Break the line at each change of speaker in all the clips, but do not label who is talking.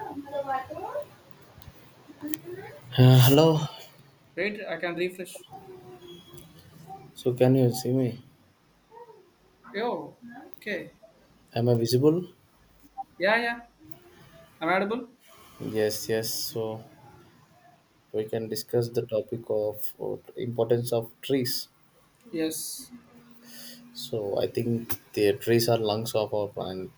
Uh, Hello.
Wait, I can refresh.
So, can you see me?
Oh, okay.
Am I visible?
Yeah, yeah. I'm audible.
Yes, yes. So, we can discuss the topic of importance of trees.
Yes.
So, I think the trees are lungs of our planet.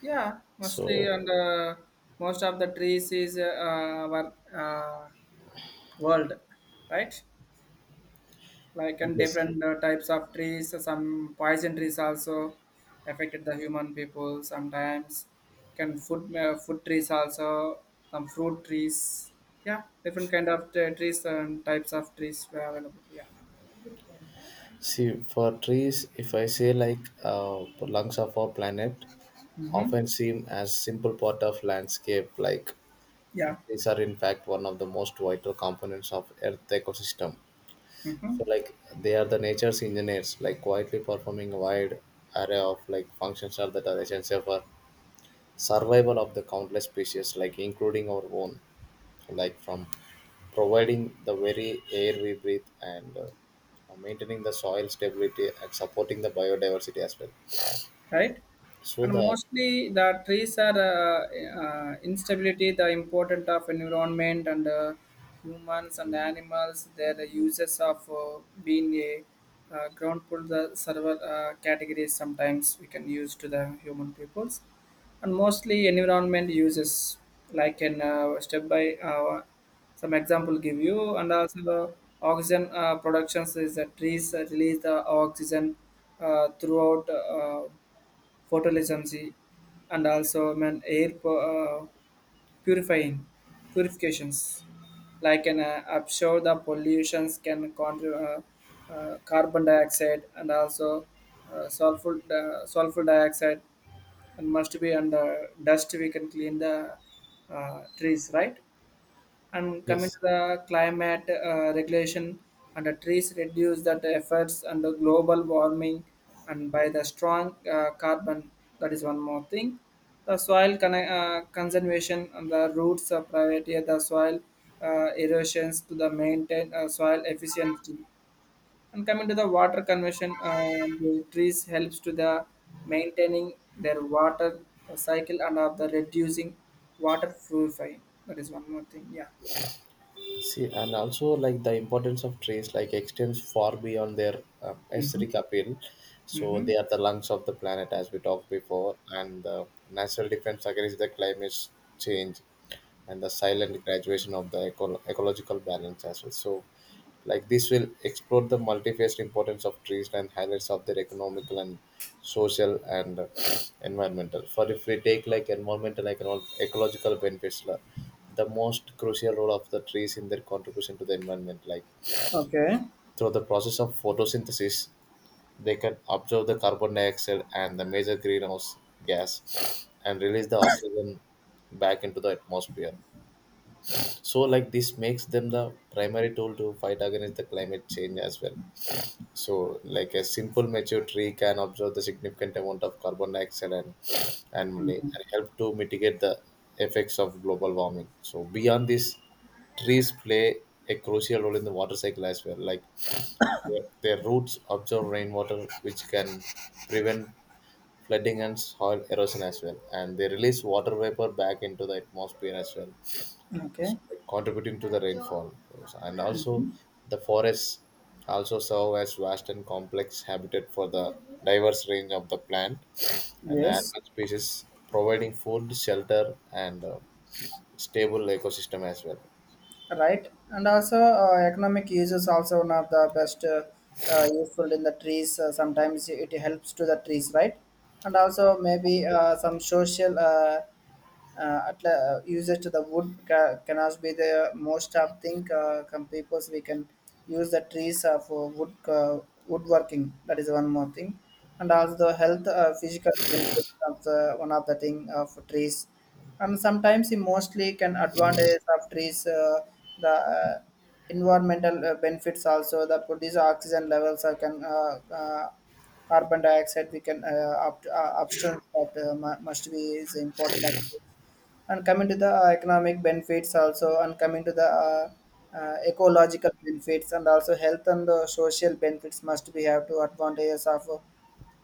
Yeah, mostly
So,
and most of the trees is our uh, world, right? Like and
yes.
different types of trees. Some poison trees also affected the human people. Sometimes can food trees also some fruit trees. Yeah, different kind of trees and types of trees were available. Yeah.
See, for trees, if I say like uh, lungs of our planet,
Mm-hmm.
often seem as simple part of landscape. Like
Yeah.
trees are in fact one of the most vital components of Earth ecosystem. So
Mm-hmm.
like they are the nature's engineers, like quietly performing a wide array of like functions are that are essential for survival of the countless species, like including our own, like from providing the very air we breathe and maintaining the soil stability and supporting the biodiversity as well.
Right?
So
And
the
mostly the trees are instability, the importance of environment and humans and animals, their uses of being a ground pool, the several categories sometimes we can use to the human peoples. And mostly environment uses like in step by some example give you and also the oxygen productions is that trees release the oxygen throughout photolysis and also purifying purifications. Like an offshore, the pollutions can contribute carbon dioxide and also sulfur dioxide, and must be under dust. We can clean the trees, right? And coming
yes,
to the climate regulation, and the trees reduce that efforts and the global warming, and by the strong carbon, that is one more thing. The conservation and the roots of priority of the soil erosions to the maintain soil efficiency. And coming to the water conversion, the trees helps to the maintaining their water cycle and of the reducing water purifying. That is one more thing. Yeah.
see, and also like the importance of trees like extends far beyond their aesthetic appeal. So
Mm-hmm.
they are the lungs of the planet, as we talked before, and the natural defense against the climate change and the silent graduation of the ecological balance as well. So like this will explore the multifaceted importance of trees and highlights of their economical and social and environmental. For if we take like environmental and ecological benefits, the most crucial role of the trees in their contribution to the environment, like
Okay,
through the process of photosynthesis, they can absorb the carbon dioxide and the major greenhouse gas and release the oxygen back into the atmosphere. So, like this makes them the primary tool to fight against the climate change as well. So, like a simple mature tree can absorb the significant amount of carbon dioxide and, and help to mitigate the effects of global warming. So, beyond this, trees play a crucial role in the water cycle as well. Like their, their roots absorb rainwater, which can prevent flooding and soil erosion as well, and they release water vapor back into the atmosphere as well
okay,
like, contributing to the rainfall. And also, the forests also serve as vast and complex habitat for the diverse range of the plant and the
yes,
animal species, providing food, shelter, and stable ecosystem as well.
right. And also, economic use is also one of the best useful in the trees. Sometimes it helps to the trees, right? And also, maybe some social usage to the can also be the most of thing. Some peoples we can use the trees for woodworking. That is one more thing. And also, the health physically benefits of the one of the thing of trees and sometimes it mostly can advantage of trees the environmental benefits also the produce oxygen levels are can carbon dioxide we can upstream that must be is important of this. And coming to the economic benefits also and coming to the ecological benefits and also health and the social benefits must be have to advantages of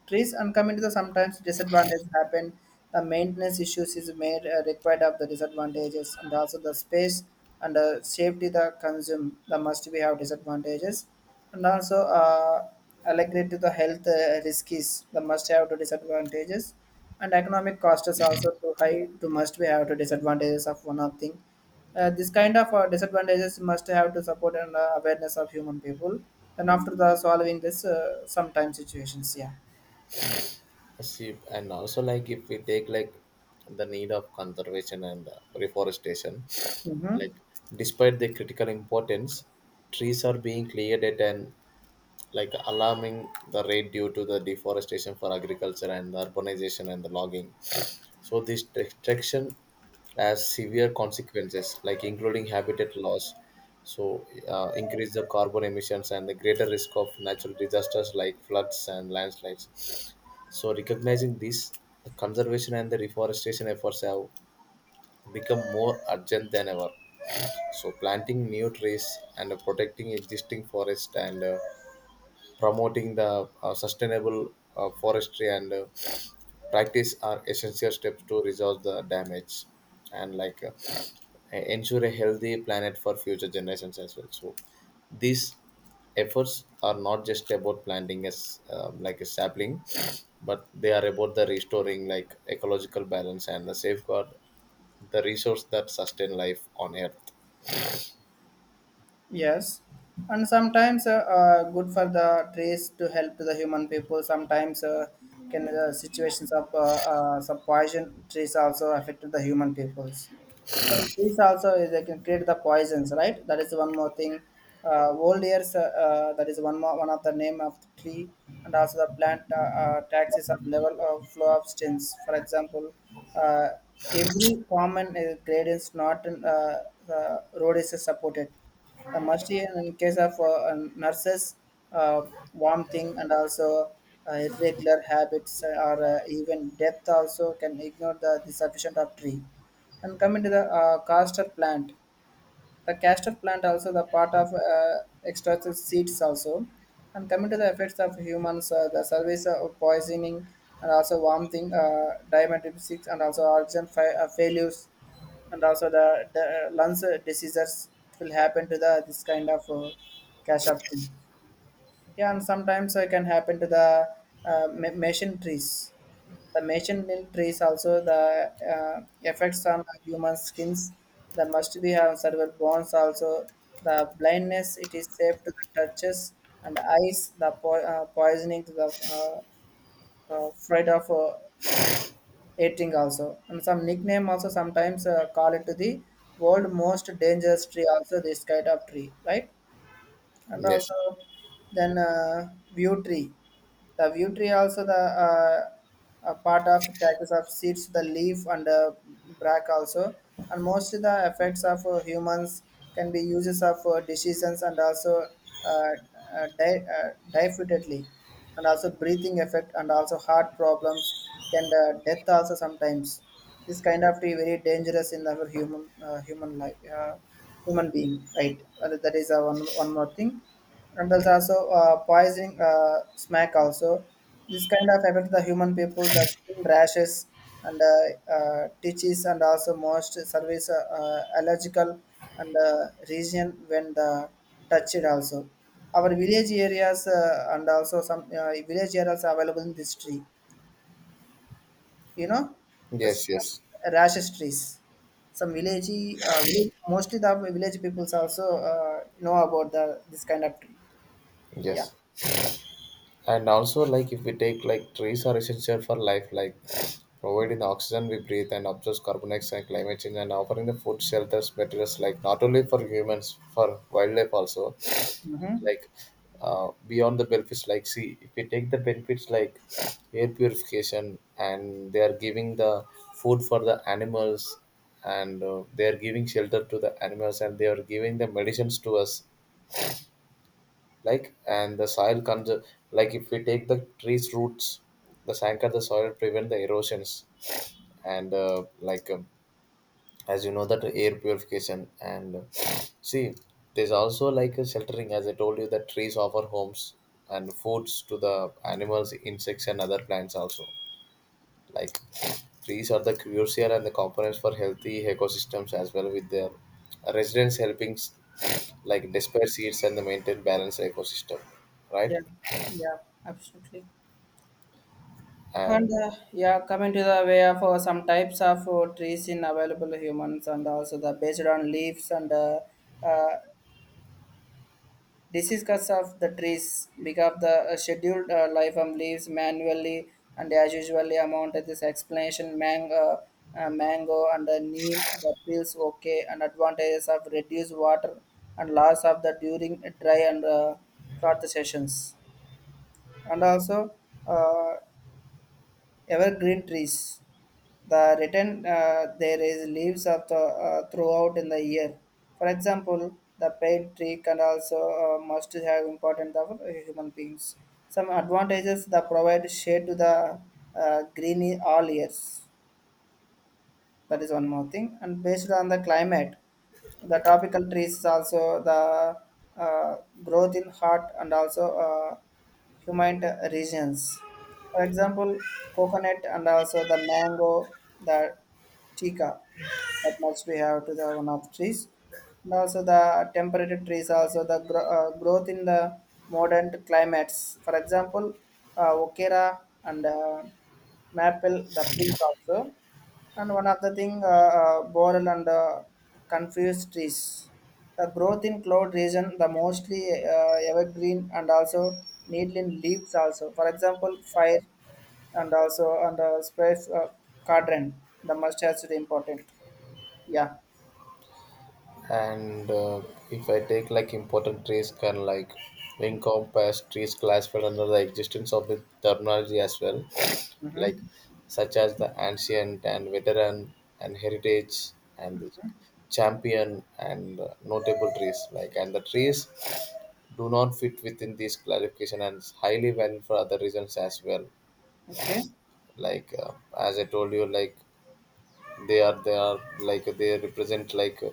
trees and come into the sometimes disadvantages happen. The maintenance issues is made required of the disadvantages and also the space and safety the consume the must we have disadvantages and also allocated to the health risks the must have to disadvantages and economic cost is also too high to must we have to disadvantages of one of thing. This kind of disadvantages must have to support and awareness of human people. Then after the solving this, sometimes situations, yeah.
See, and also like if we take like the need of conservation and reforestation,
Mhm.
like despite the critical importance, trees are being cleared at an like alarming the rate due to the deforestation for agriculture and the urbanization and the logging. So this destruction has severe consequences, like including habitat loss, so increase the carbon emissions and the greater risk of natural disasters like floods and landslides. So recognizing this, the conservation and the reforestation efforts have become more urgent than ever. So planting new trees and protecting existing forest and promoting the sustainable forestry and practice are essential steps to resolve the damage and like ensure a healthy planet for future generations as well. So these efforts are not just about planting as like a sapling but they are about the restoring like ecological balance and the safeguard the resource that sustain life on earth.
Yes, and sometimes good for the trees to help to the human people. Sometimes can situations of some poison trees also affect the human peoples. Some trees also they can create the poisons, right? That is one more thing. Old years, that is one more one of the name of the tree, and also the plant, taxes of level of flow of stains. For example, uh, every common gradients not in, the road is supported the must in case of nurses, uh, warm thing, and also irregular habits or even death also can ignore the sufficient of tree. And coming to the castor plant. The castor plant also the part of extractive seeds also. And coming to the effects of humans, the service of poisoning and also vomiting, diabetes and also oxygen failures and also the lungs diseases will happen to the this kind of castor trees. Yeah, and sometimes it can happen to the machine trees. The machine milk trees also the effects on human skins. The must be have cerebral bones also. The blindness it is safe to the touches and eyes. The poisoning to the fright of eating also. And some nickname also sometimes call it to the world most dangerous tree also this kind of tree, right? And
Yes,
also then view tree, the view tree also the a part of taxes of seeds, the leaf and bark also, and mostly the effects of humans can be uses of decisions and also diffidently, and also breathing effect and also heart problems can death also sometimes. This kind of tree very dangerous in our human life human being, right? That is one one more thing and there's also poisoning smack also this kind of affect the human people the skin rashes and teaches and also most service allergical and region when the touch it also our village areas and also some village areas are available in this tree, you know, the
yes,
st-
yes,
rashes trees some village, village mostly the village peoples also know about the this kind of tree. Yeah.
yes. And also like if we take like trees are essential for life like providing the oxygen we breathe and absorbs carbon dioxide and climate change and offering the food shelters materials like not only for humans for wildlife also
Hmm.
like beyond the benefits like see if we take the benefits like air purification and they are giving the food for the animals and they are giving shelter to the animals and they are giving the medicines to us like and the soil comes like if we take the trees roots the anchor the soil prevent the erosions and like as you know that air purification and see there's also like a sheltering as I told you that trees offer homes and foods to the animals insects and other plants also like trees are the crucial and the components for healthy ecosystems as well with their residents helping like disperse seeds and the maintain balanced ecosystem, right?
Yeah, yeah, absolutely. And
and
yeah, coming to the way of some types of trees in available humans and also the based on leaves and uh, disease cuts of the trees because the scheduled life of leaves manually and as usually amount of this explanation mango, mango and neem the feels okay and advantages of reduced water and loss of the during dry and drought sessions and also. Uh, evergreen trees. The written there is leaves of the, throughout in the year. For example, the pine tree can also must have important for human beings. Some advantages the provide shade to the green all years. That is one more thing. And based on the climate, the tropical trees is also the uh, growth in hot and also humid regions. For example, coconut and also the mango, the tika. That much we have to the one of trees. And also the temperate trees also the growth in the modern climates. For example, okera and maple, the pink also. And one of the thing, boreal and confused trees. The growth in cloud region, the mostly evergreen and also needle in leaves also. For example, fire and also and space quadrant. The must has to be important. Yeah.
and if I take like important trees can like encompass trees classified under the existence of the terminology as well like such as the ancient and veteran and heritage and the champion and notable trees like and the trees do not fit within this clarification and is highly valued for other reasons as well
Okay.
like as I told you like they are like they represent like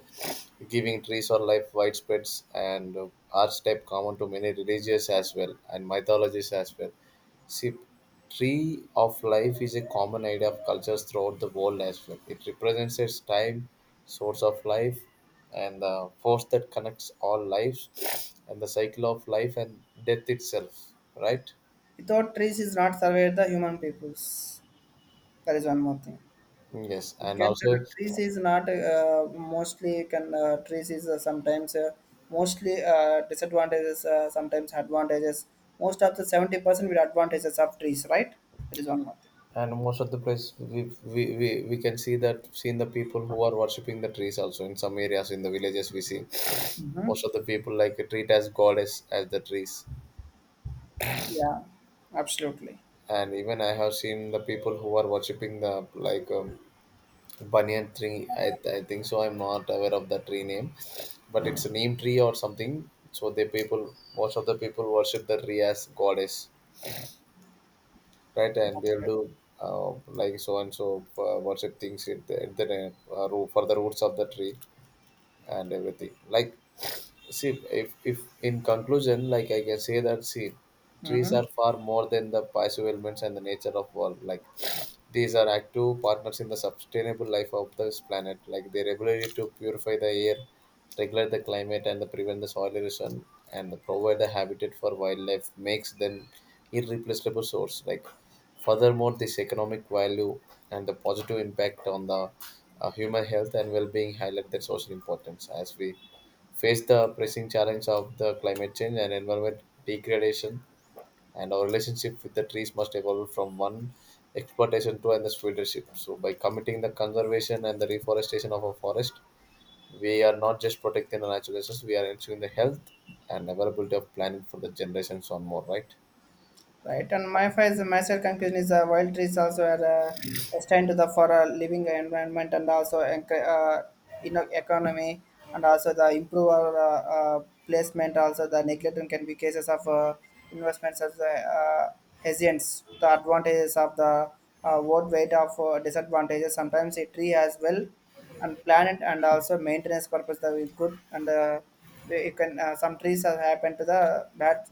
giving trees or life widespreads and archetype common to many religious as well and mythologies as well. See, tree of life is a common idea of cultures throughout the world as well. It represents its time source of life and the force that connects all lives and the cycle of life and death itself, right?
Without trees is not survive the human peoples. That is one more thing.
Yes. And
Can
also,
trees is not mostly can trees is sometimes mostly disadvantages sometimes advantages. Most of the 70% will advantages of trees, right? That is one more thing.
and most of the place we can see that seen the people who are worshipping the trees also in some areas in the villages we see
Mm-hmm.
most of the people like treat as goddess as the trees.
Yeah, absolutely.
And even I have seen the people who are worshipping the like banyan tree. I think so. I'm not aware of the tree name but it's a name tree or something. So the people most of the people worship the tree as goddess, right? And they'll
Okay.
do like so and so worship things at the root, for the roots of the tree and everything like see if in conclusion like I can say that see trees
Mm-hmm.
are far more than the passive elements and the nature of world like these are active partners in the sustainable life of this planet like they regularly to purify the air, regulate the climate and the prevent the soil erosion and the provide the habitat for wildlife makes them irreplaceable source like furthermore this economic value and the positive impact on the human health and well-being highlight their social importance as we face the pressing challenge of the climate change and environment degradation and our relationship with the trees must evolve from one exploitation to another leadership. So by committing the conservation and the reforestation of a forest we are not just protecting the natural resources, we are ensuring the health and availability of planet for the generations on more, right?
Right, and my is myself conclusion is wild trees also are destined to the for a living environment and also you know economy and also the improve our placement also the neglecting can be cases of investments as hesitants the advantages of the world weight of disadvantages sometimes a tree as well and planet and also maintenance purpose that is good and you can some trees have happened to the bad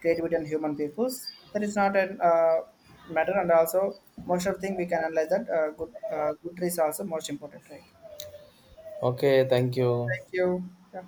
creativity and human peoples that is not a uh, matter and also most of the thing we can analyze that good is also most important, right?
Okay, thank
Thank
you.
you. Yeah.